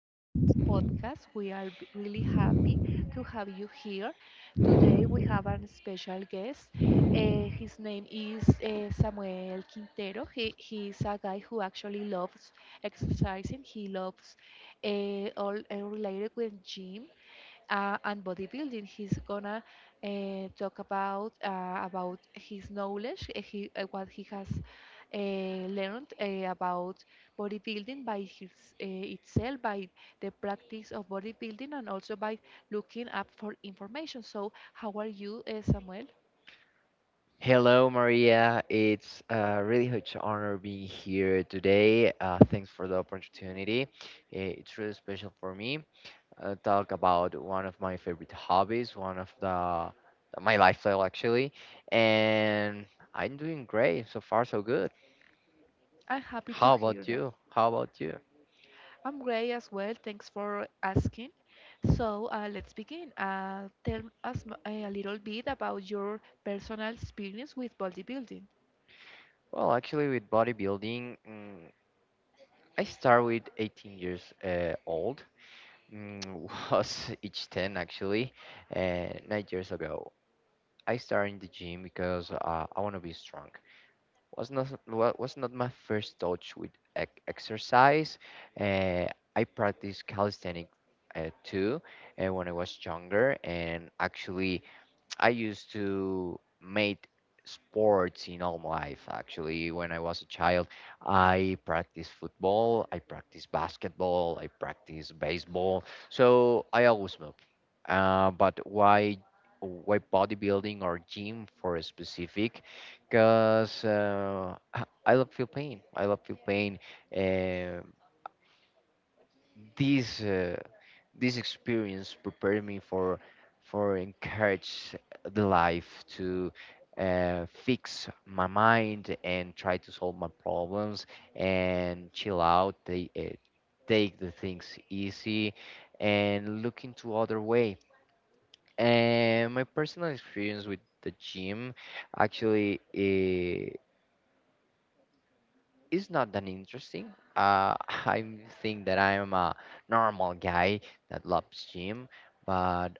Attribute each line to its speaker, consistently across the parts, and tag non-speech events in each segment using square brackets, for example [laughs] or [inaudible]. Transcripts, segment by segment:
Speaker 1: of this podcast. We are really happy to have you here. Today, we have a special guest. His name is Samuel Quintero. He's a guy who actually loves exercising, he loves all related with gym and bodybuilding. He's gonna talk about his knowledge, what he has learned about bodybuilding by his uh, itself, by the practice of bodybuilding, and also by looking up for information. So, how are you, Samuel?
Speaker 2: Hello, Maria. It's a really huge honor being here today. Thanks for the opportunity. It's really special for me. Talk about one of my favorite hobbies, one of the my lifestyle actually, and I'm doing great so far, so good.
Speaker 1: I'm happy to
Speaker 2: How
Speaker 1: hear
Speaker 2: about
Speaker 1: that.
Speaker 2: you? How about you?
Speaker 1: I'm great as well. Thanks for asking. So let's begin. Tell us a little bit about your personal experience with bodybuilding.
Speaker 2: Well, actually, with bodybuilding, I start with 18 years old. [laughs] Was each 10 actually, 9 years ago I started in the gym because I want to be strong. Was not was not my first touch with exercise. Uh, I practiced calisthenics too when I was younger, and actually I used to make sports in all my life. Actually, when I was a child, I practiced football, I practiced basketball, I practiced baseball. So I always move but why bodybuilding or gym for a specific because [laughs] I love feel pain, I love feel pain, and this this experience prepared me for encourage the life to fix my mind and try to solve my problems, and chill out they take the things easy and look into other ways. And my personal experience with the gym actually is not that interesting. [laughs] I think that I am a normal guy that loves gym, but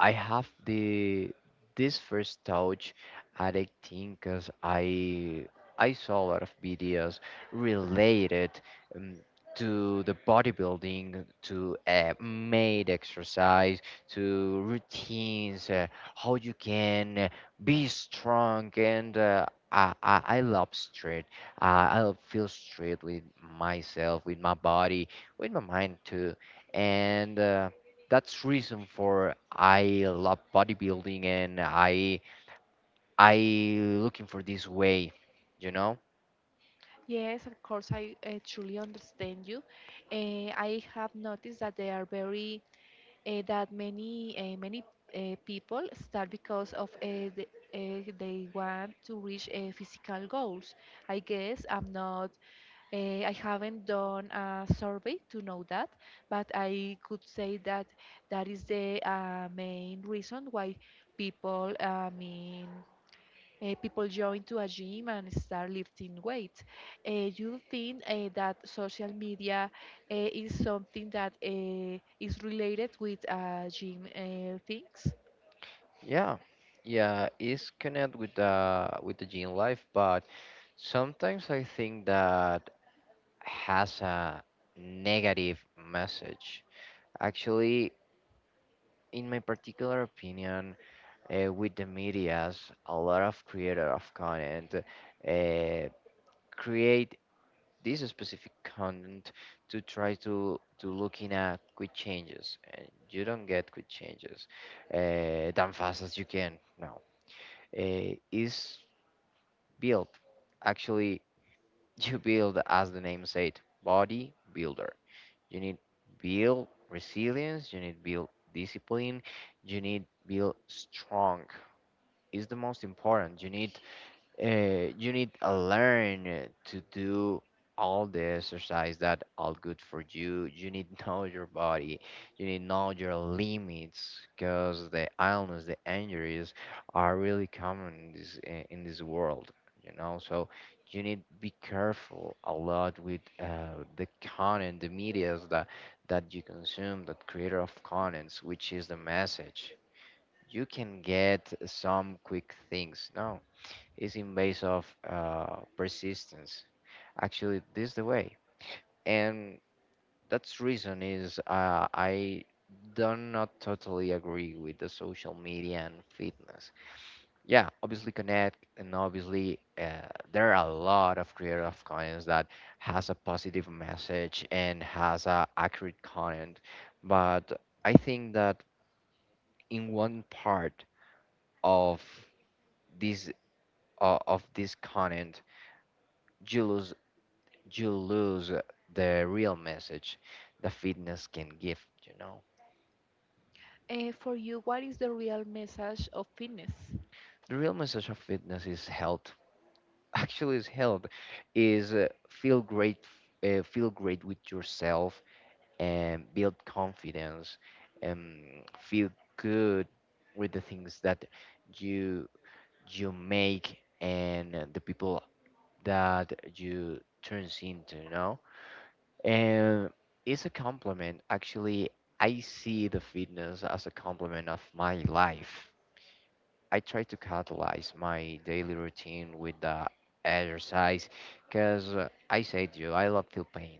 Speaker 2: I have the this first touch at 18 because I saw a lot of videos related um, to the bodybuilding, to made exercise, to routines, how you can be strong, and uh, I love straight. I love feel straight with myself, with my body, with my mind too, and. That's reason for I love bodybuilding and I looking for this way, you know?
Speaker 1: Yes, of course, I truly understand you. I have noticed that they are very that many people start because of they want to reach physical goals. I guess I'm not. I haven't done a survey to know that, but I could say that that is the main reason why people. I mean people join to a gym and start lifting weights. You think that social media is something that is related with gym things?
Speaker 2: Yeah. Yeah, it's connect with the gym life, but sometimes I think that has a negative message. Actually, in my particular opinion, with the medias, a lot of creator of content uh, create this specific content to try to looking at quick changes. And you don't get quick changes done fast as you can, no, is built actually. [laughs] You build, as the name said, body builder, you need build resilience, you need build discipline, you need build strong, is the most important. You need you need to learn to do all the exercise that all good for you. You need to know your body, you need to know your limits, because the illness, the injuries are really common in this in this world, you know. So you need to be careful a lot with the content, the medias, that you consume, that creator of contents, which is the message you can get. Some quick things, no, is in base of persistence. Actually, this the way, and that's reason is I do not totally agree with the social media and fitness. Yeah, obviously connect, and obviously there are a lot of creative contents that has a positive message and has a accurate content, but I think that in one part of this of this content, you lose, you lose the real message that fitness can give, you know.
Speaker 1: For you, what is the real message of fitness?
Speaker 2: The real message of fitness is health. [laughs] Actually is health, is feel great, feel great with yourself, and build confidence, and feel good with the things that you you make, and the people that you turns into, you know. And it's a compliment. Actually, I see the fitness as a complement of my life. I try to catalyze my daily routine with the exercise, because I said to you, I love feel pain.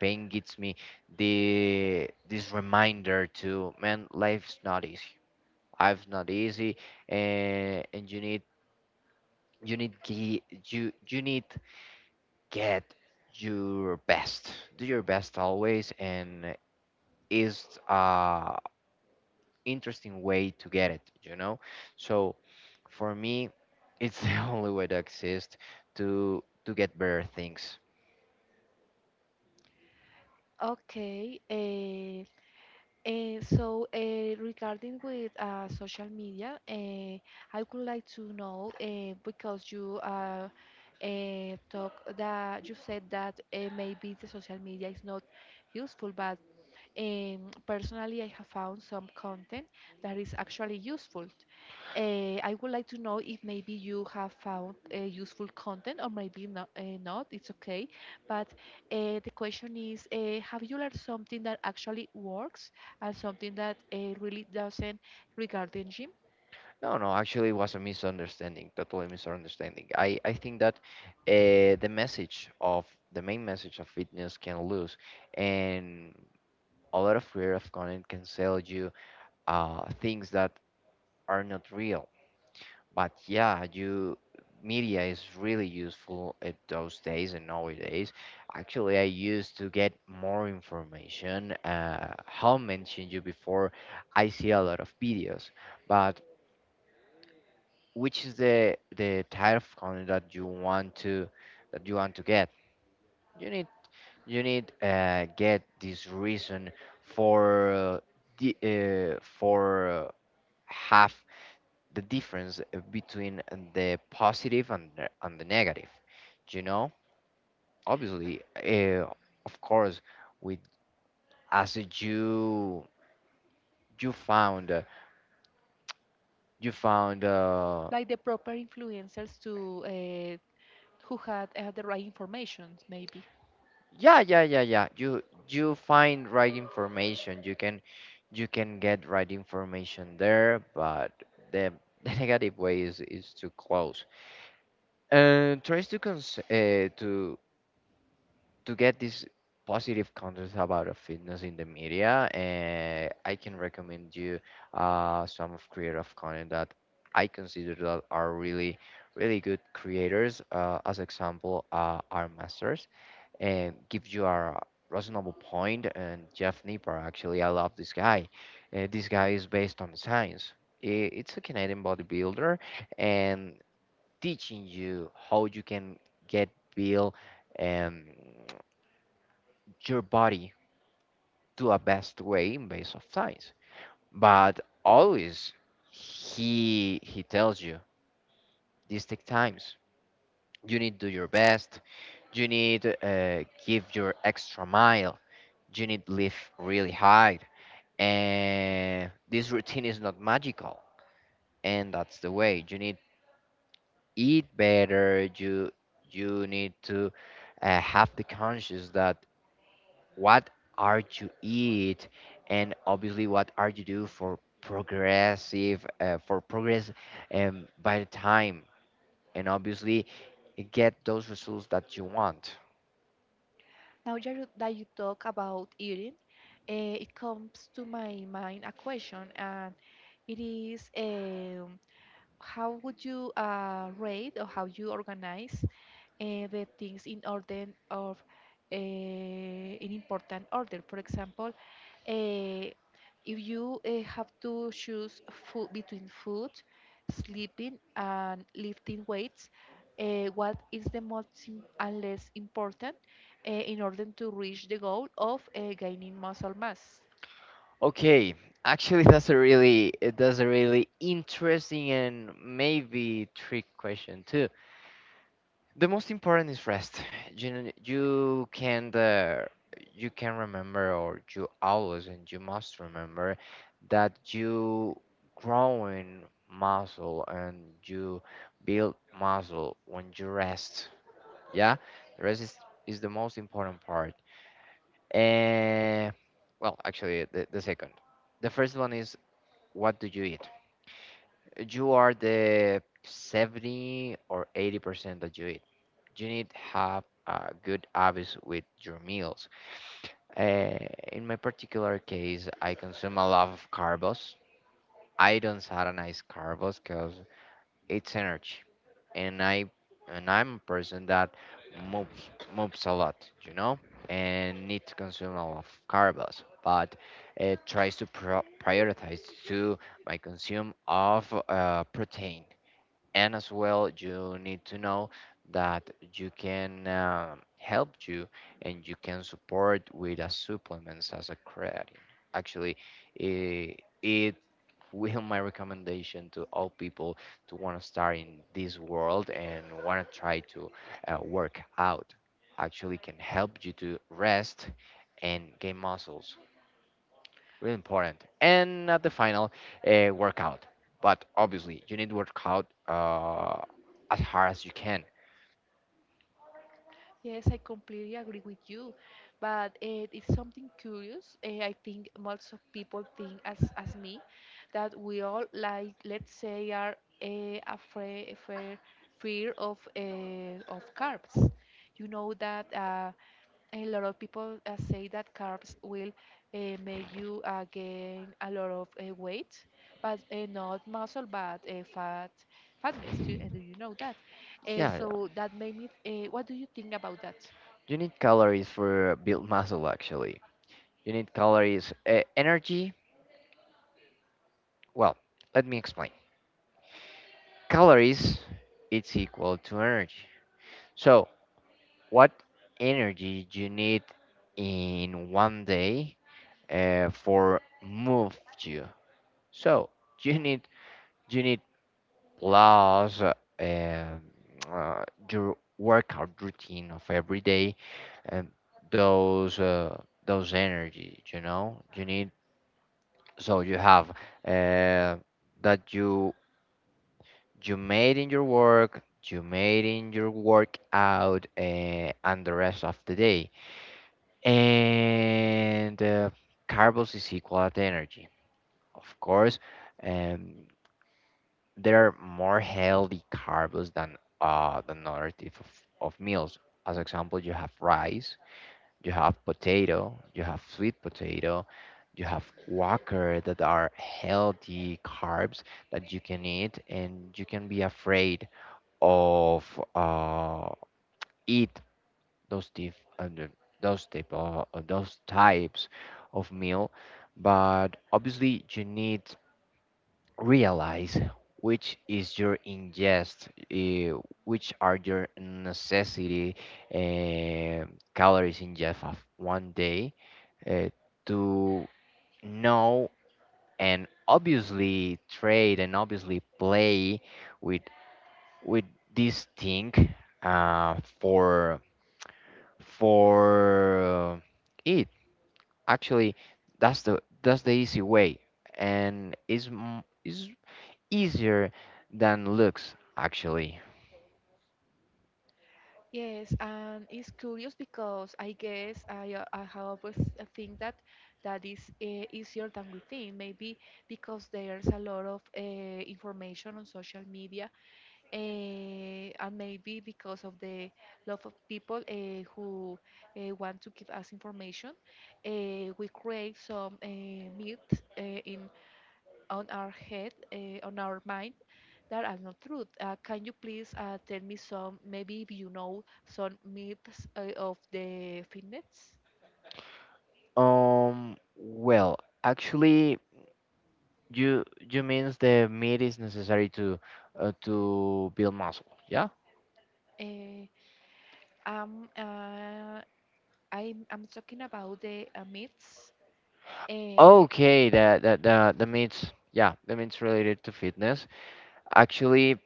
Speaker 2: Pain gives me the this reminder to man, life's not easy. Life's not easy, and you need, you need you need get your best. Do your best always, and is a interesting way to get it, you know. So for me it's [laughs] the only way that exists to get better things.
Speaker 1: Okay, so, regarding with social media, I would like to know because you talk that you said that maybe the social media is not useful, but personally, I have found some content that is actually useful. I would like to know if maybe you have found useful content or maybe not, not, it's okay. But the question is have you learned something that actually works and something that really doesn't regarding gym?
Speaker 2: No, no, actually, it was a misunderstanding, totally misunderstanding. I think that the message of the main message of fitness can lose, and a lot of creative content can sell you things that are not real. But yeah, you media is really useful at those days and nowadays. Actually, I used to get more information. How mentioned you before, I see a lot of videos, but which is the type of content that you want to that you want to get? You need, get this reason for the, uh, for uh, have the difference between the positive and the negative. You know, obviously, of course, with as you, you found uh, you found,
Speaker 1: Like the proper influencers to who had the right information, maybe.
Speaker 2: yeah, yeah, yeah, yeah you find right information. You can, you can get right information there, but the [laughs] the negative way is too close. And tries to to get these positive content about a fitness in the media, and I can recommend you some of creative content that I consider that are really, really good creators. As example, our masters, and give you a reasonable point, and Jeff Nipper. Actually, I love this guy. This guy is based on science. It's a Canadian bodybuilder and teaching you how you can get built. Um, your body to a best way in base of science. But always he tells you this take times. You need do your best. You need give your extra mile. You need live really hard. And this routine is not magical. And that's the way. You need eat better. You need to have the conscious that what are you eat, and obviously what are you do for progressive, for progress by the time, and obviously get those results that you want.
Speaker 1: Now that you talk about eating, it comes to my mind a question, and it is how would you rate or how you organize the things in order of in important order. For example, uh, if you have to choose food between food, sleeping, and lifting weights, what is the most and less important in order to reach the goal of gaining muscle mass?
Speaker 2: Okay, actually that's a really interesting and maybe trick question too. The most important is rest. You know, you can the, you can remember, or you always and you must remember that you growing muscle and you build muscle when you rest. Yeah, the rest is the most important part. And well, actually, the first one is, what do you eat? You are the 70 or 80% that you eat, you need to have good habits with your meals. Uh, in my particular case, I consume a lot of carbs. I don't satanize carbs because it's energy, and I, and I'm a person that moves, moves a lot, you know, and need to consume a lot of carbs, but it tries to prioritize to my consume of protein. And as well, you need to know that you can help you, and you can support with a supplements as a creatine. Actually, it will my recommendation to all people to want to start in this world and want to try to work out. Actually can help you to rest and gain muscles, really important. And at the final, workout. But obviously, you need to work out as hard as you can.
Speaker 1: Yes, I completely agree with you, but it's something curious. I think most of people think as me that we all like let's say are afraid, fear of carbs. You know that a lot of people say that carbs will make you gain a lot of weight, but not muscle, but fat, fatness. Do, and do you know that?
Speaker 2: Yeah, yeah.
Speaker 1: So that made me. What do you think about that?
Speaker 2: You need calories for build muscle actually. You need calories, energy. Well, let me explain. Calories, it's equal to energy. So, what energy you need in one day for move you? So, you need, you need laws, and uh, your workout routine of every day, and those uh, those energy. You know, you need, so you have uh, that you made in your work, you made in your workout, and the rest of the day. And carbs is equal at energy, of course. Um, there are more healthy carbs than other type of meals. As example, you have rice, you have potato, you have sweet potato, you have quaker, that are healthy carbs that you can eat, and you can be afraid of uh, eat those type, uh, the- those type of, those types of meal. But obviously, you need realize which is your ingest, which are your necessity, uh, calories ingest of one day, uh, to know, and obviously trade, and obviously play with with this thing uh, for for it. Actually, that's the easy way, and is easier than looks, actually.
Speaker 1: Yes, and it's curious because I guess I have always think that that is easier than we think. Maybe because there's a lot of information on social media and maybe because of the love of people who want to give us information, we create some myths eh, in on our head, on our mind that are not truth. Can you please tell me some, maybe if you know some myths of the fitness?
Speaker 2: Well, actually, you means the meat is necessary to build muscle, yeah?
Speaker 1: Eh, um, uh, I'm talking about the myths, eh,
Speaker 2: Okay, the meats, yeah, the meats related to fitness. Actually,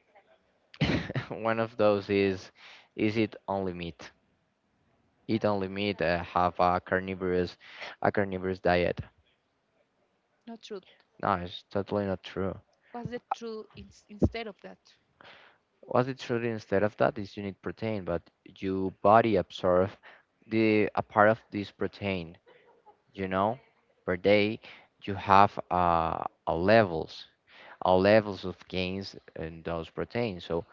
Speaker 2: [laughs] one of those is it only meat? Eat only meat, have a carnivorous, a carnivorous diet.
Speaker 1: not truth.
Speaker 2: No, it's totally not true.
Speaker 1: What's the truth instead of that?
Speaker 2: What's the truth instead of that is, you need protein, but your body absorbs the a part of this protein. You know, per day you have a levels of gains in those proteins. So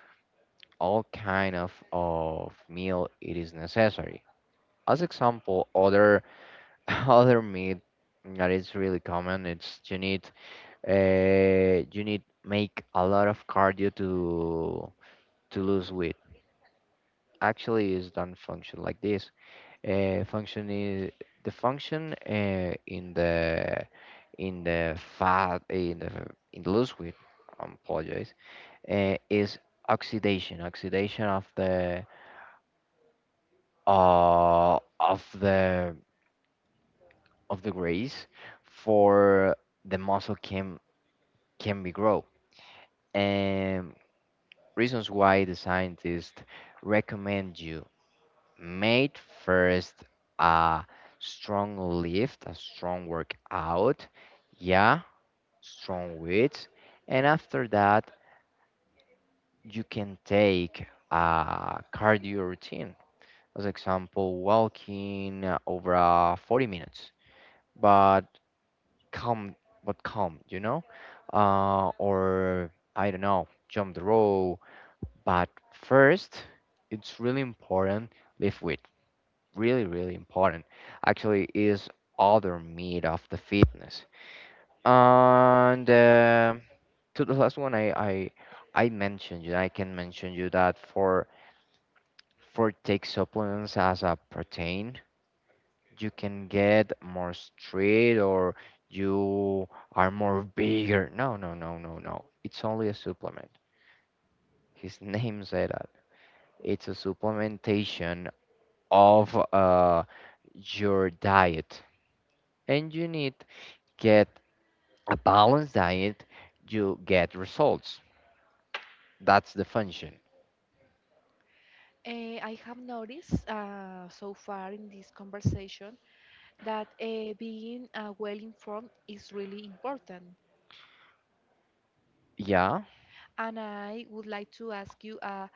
Speaker 2: all kind of meal it is necessary. As example, other [laughs] other meat that is really common. It's you need make a lot of cardio to lose weight actually is done function like this. Function is the function in the fat in the loose width. I apologize. Is oxidation of the of the of the grace for the muscle can be grow and reasons why the scientists recommend you made first a strong lift, a strong workout, yeah, strong weights, and after that you can take a cardio routine, as example, walking over 40 minutes, but come, come, or I don't know, jump the rope. But first, it's really important lift weight. Really, really important actually is other meat of the fitness. And to the last one, I mentioned you. I can mention you that for take supplements as a protein, you can get more straight or you are more bigger. No, no, no, no, no. It's only a supplement. His [laughs] name said that. It's a supplementation of your diet, and you need get a balanced diet, you get results. That's the function.
Speaker 1: I have noticed so far in this conversation that being well informed is really important.
Speaker 2: Yeah.
Speaker 1: And I would like to ask you uh,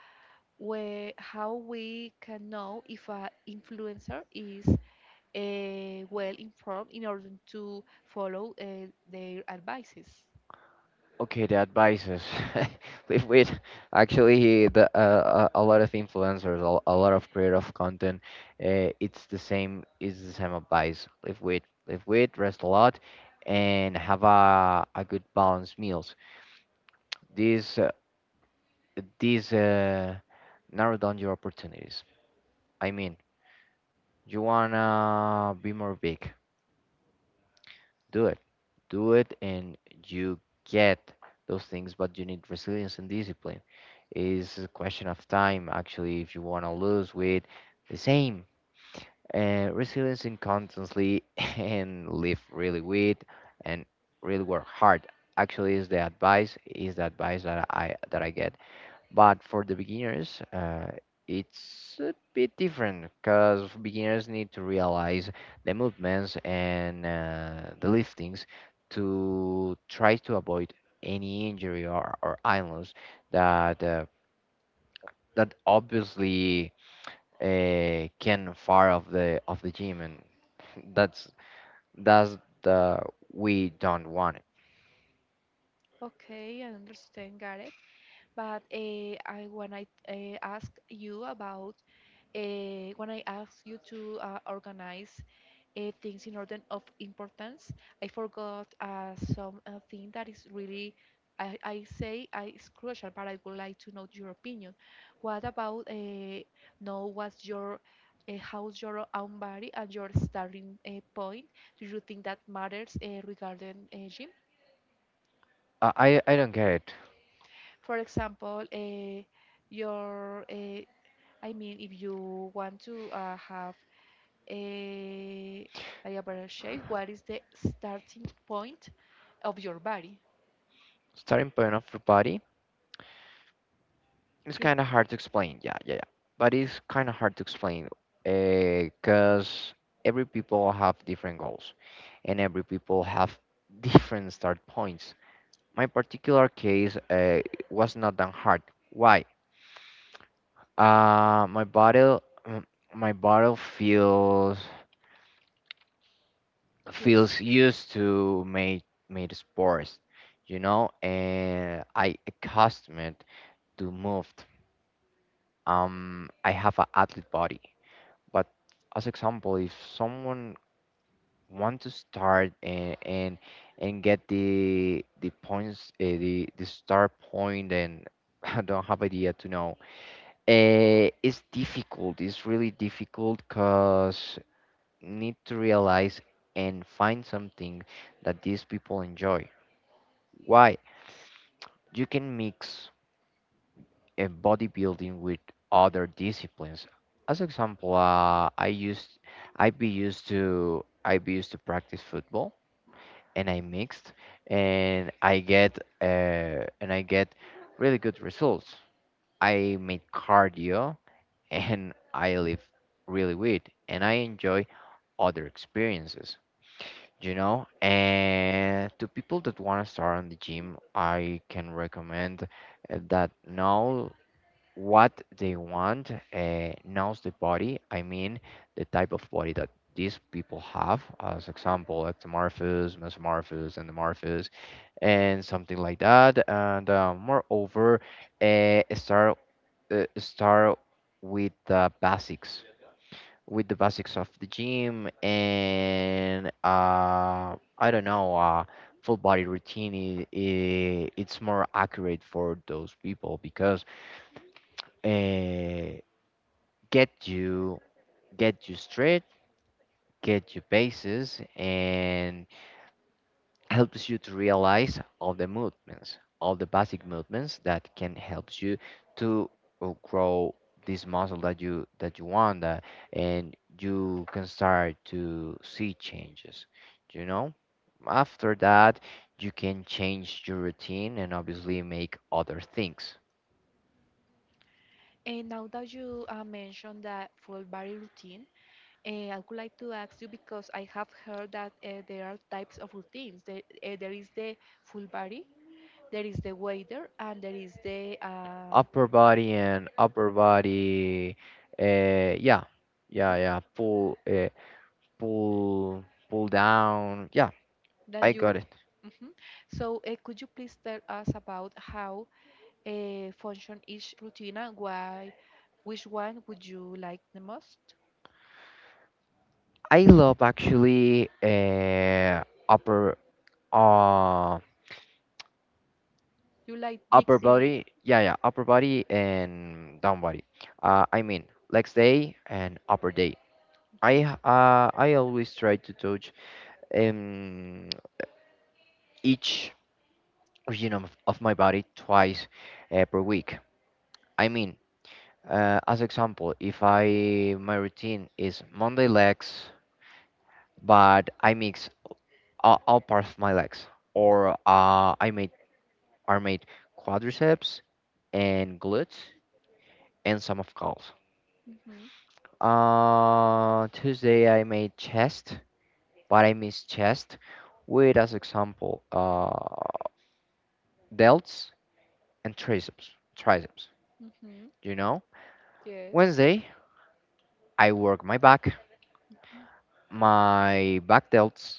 Speaker 1: where, how we can know if an influencer is well informed in order to follow their advices.
Speaker 2: Okay, the advices. [laughs] Live with actually the a lot of influencers, a lot of creative content. It's the same. It's the same advice. Live with, rest a lot, and have a good balanced meals. This uh, this narrow down your opportunities. I mean, you wanna be more big, do it and you get those things, but you need resilience and discipline. It's a question of time, actually, if you want to lose weight. The same, resilience and constantly [laughs] and live really with and really work hard. Actually, is the advice that I get but for the beginners, it's a bit different because beginners need to realize the movements and the liftings to try to avoid any injury or illness that that obviously can far of the gym and [laughs] that's that's the we don't want it.
Speaker 1: Okay, I understand, Gareth. But I when I ask you about when I asked you to organize things in order of importance, I forgot some thing that is really, I say it's crucial, but I would like to know your opinion. What about know what's your how's your own body and your starting point? Do you think that matters regarding gym?
Speaker 2: I don't get it.
Speaker 1: For example, your I mean, if you want to have eh, like a better shape, what is the starting point of your body?
Speaker 2: Starting point of the body. It's
Speaker 1: You-
Speaker 2: kind of hard to explain. Yeah, yeah, yeah. But it's kind of hard to explain because every people have different goals and every people have [laughs] different start points. My particular case was not that hard. Why? My body, mm, my body feels
Speaker 1: you
Speaker 2: used to made sports, you know, and I accustomed to moved. I have an athlete body. But as example, if someone want to start and get the points, the start point, and [laughs] I don't have idea to know, it's difficult. It's really difficult because need to realize and find something that these people enjoy. Why? You can mix and bodybuilding with other disciplines. As example, I'd be used to practice football and I mixed and I get really good results. I made cardio and I live really with and I enjoy other experiences. You know, and to people that want to start on the gym, I can recommend that now what they want knows the body. I mean, the type of body that these people have, as example, ectomorphs, mesomorphs, endomorphs and something like that. And moreover uh, start start with the basics of the gym and I don't know, full body routine I it's more accurate for those people because uh, get you get you straight, get you bases, and helps you to realize all the movements, all the basic movements that can help you to grow this muscle that you want, that, and you can start to see changes. You know, after that, you can change your routine and obviously make other things.
Speaker 1: and now that you mentioned that full body routine, I would like to ask you because I have heard that there are types of routines there, there is the full body, there is the waiter and there is the
Speaker 2: Upper body, and upper body, yeah, yeah,
Speaker 1: mhm,
Speaker 2: yeah. Pull pull pull down, yeah.
Speaker 1: that
Speaker 2: I got
Speaker 1: you
Speaker 2: it.
Speaker 1: mhm. So could you please tell us about how function each rutina, why, which one would you like the most?
Speaker 2: I love actually, upper, uh
Speaker 1: You like
Speaker 2: upper
Speaker 1: mixing?
Speaker 2: body, yeah, yeah, upper body and down body. I mean, legs day and upper day. I, I always try to touch um each region of my body twice per week. I mean, as example, if I my routine is Monday legs, but I mix all parts of my legs, or I made are made quadriceps and glutes and some of calves.
Speaker 1: Mm-hmm,
Speaker 2: Tuesday I made chest, but I miss chest with, as example, delts and triceps.
Speaker 1: mm-hmm,
Speaker 2: You know.
Speaker 1: yes.
Speaker 2: Wednesday I work my back delts,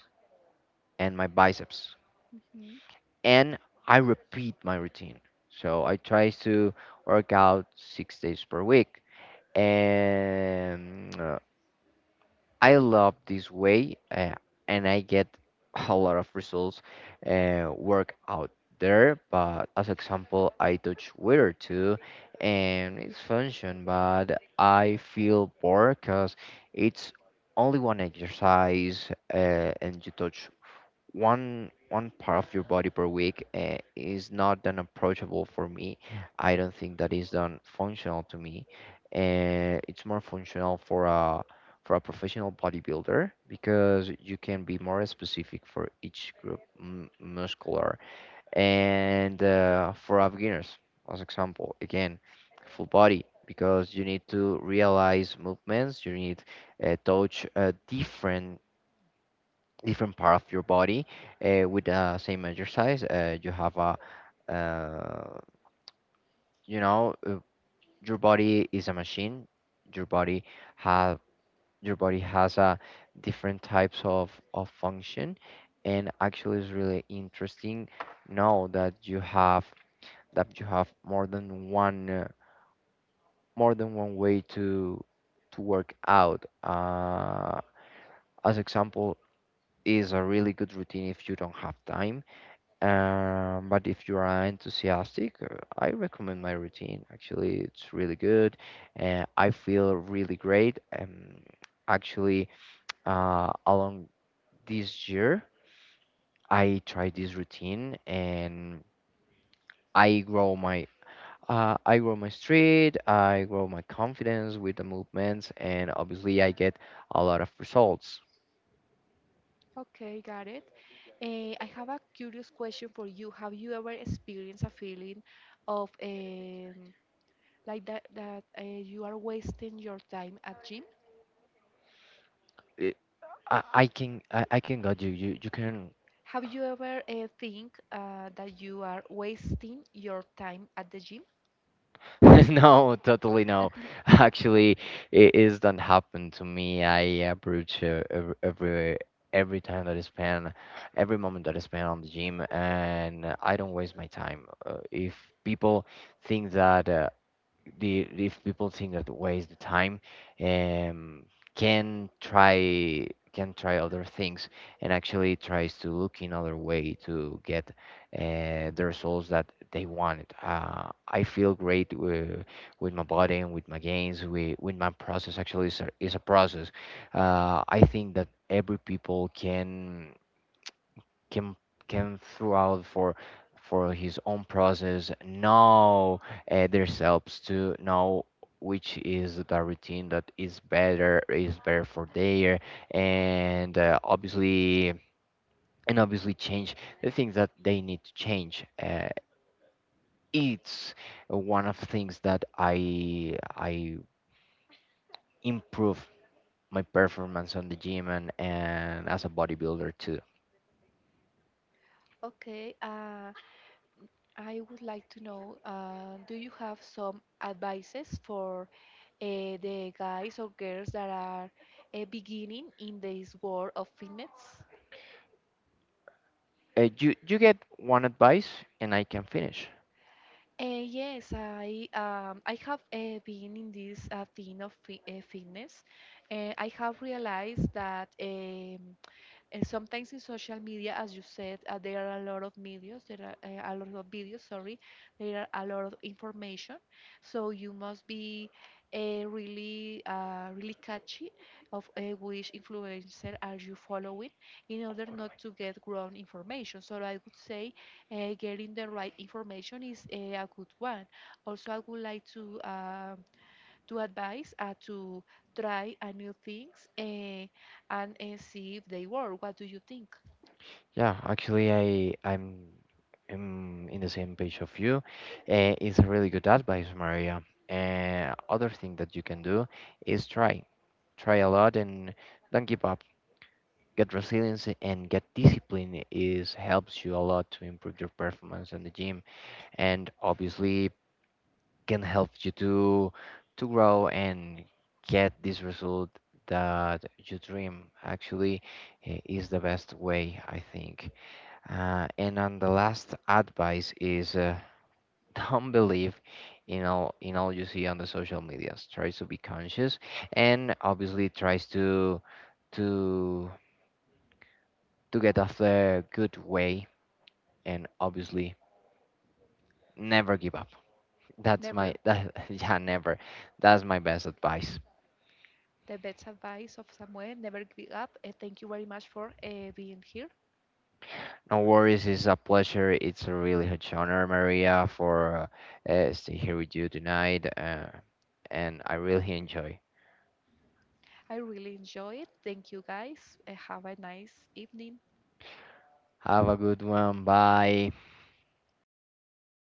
Speaker 2: and my biceps.
Speaker 1: Mm-hmm.
Speaker 2: And I repeat my routine. So I try to work out six days per week, and I love this way, and I get a lot of results work out there. But as example, I touch water too, and it's function, but I feel bored because it's only one exercise and you touch one part of your body per week. Is not then approachable for me. I don't think that is done functional to me. It's more functional for a professional bodybuilder because you can be more specific for each group m- muscular. And for our beginners, as example, again, full body because you need to realize movements. You need touch different part of your body with the same exercise. Uh, you know, your body is a machine. Your body have, your body has a different types of function, and actually it's really interesting now that you have that you have more than one uh, more than one way to work out. As example, is a really good routine if you don't have time. But if you are enthusiastic, I recommend my routine. Actually, it's really good. I feel really great. Actually, along this year, I tried this routine and I grow my I grow my street. I grow my confidence with the movements, and obviously, I get a lot of results.
Speaker 1: Okay, got it. Eh, I have a curious question for you. Have you ever experienced a feeling of like that you are wasting your time at gym?
Speaker 2: It, I can I can guide you. You can
Speaker 1: Have you ever think that you are wasting your time at the gym?
Speaker 2: [laughs] no, totally no. Actually, it is don't happen to me. I approach every time that I spend, every moment that I spend on the gym, and I don't waste my time. If people think that the if people think that waste the time um can try other things and actually tries to look in other way to get the results that they wanted. I feel great with my body and with my gains with my process. Actually is a process. I think that every people can came came throughout for his own process, know themselves to know which is the routine that is better for there. And obviously change the things that they need to change. It's one of the things that I improve my performance on the gym and as a bodybuilder too.
Speaker 1: Okay. I would like to know, do you have some advices for the guys or girls that are beginning in this world of fitness?
Speaker 2: You you get one advice and I can finish.
Speaker 1: Yes, I have been in this thing of fitness, and I have realized that. And sometimes in social media, as you said, there are a lot of videos. There are a lot of videos. Sorry, there are a lot of information. So you must be really, really catchy of which influencer are you following in order not to get wrong information. So I would say getting the right information is a good one. Also, I would like to. To advise to try new things and see if they work. What do you think?
Speaker 2: Yeah, actually, I'm in the same page of you. It's a really good advice, Maria. Other thing that you can do is try, try a lot and don't give up. Get resilience and get discipline is helps you a lot to improve your performance in the gym, and obviously can help you to grow and get this result that you dream. Actually, is the best way, I think. And on the last advice is [laughs] don't believe in all you see on the social medias. Try to be conscious and obviously tries to to get off the good way and obviously never give up. That's my
Speaker 1: Never.
Speaker 2: [laughs] that, yeah, never. That's my best advice.
Speaker 1: The best advice of Samuel, never give up. Thank you very much for being here.
Speaker 2: No worries, it's a pleasure. It's a really huge honor, Maria, for stay here with you tonight. And I really enjoy.
Speaker 1: I really enjoy it. Thank you guys. Have a nice evening.
Speaker 2: Have a good one. Bye.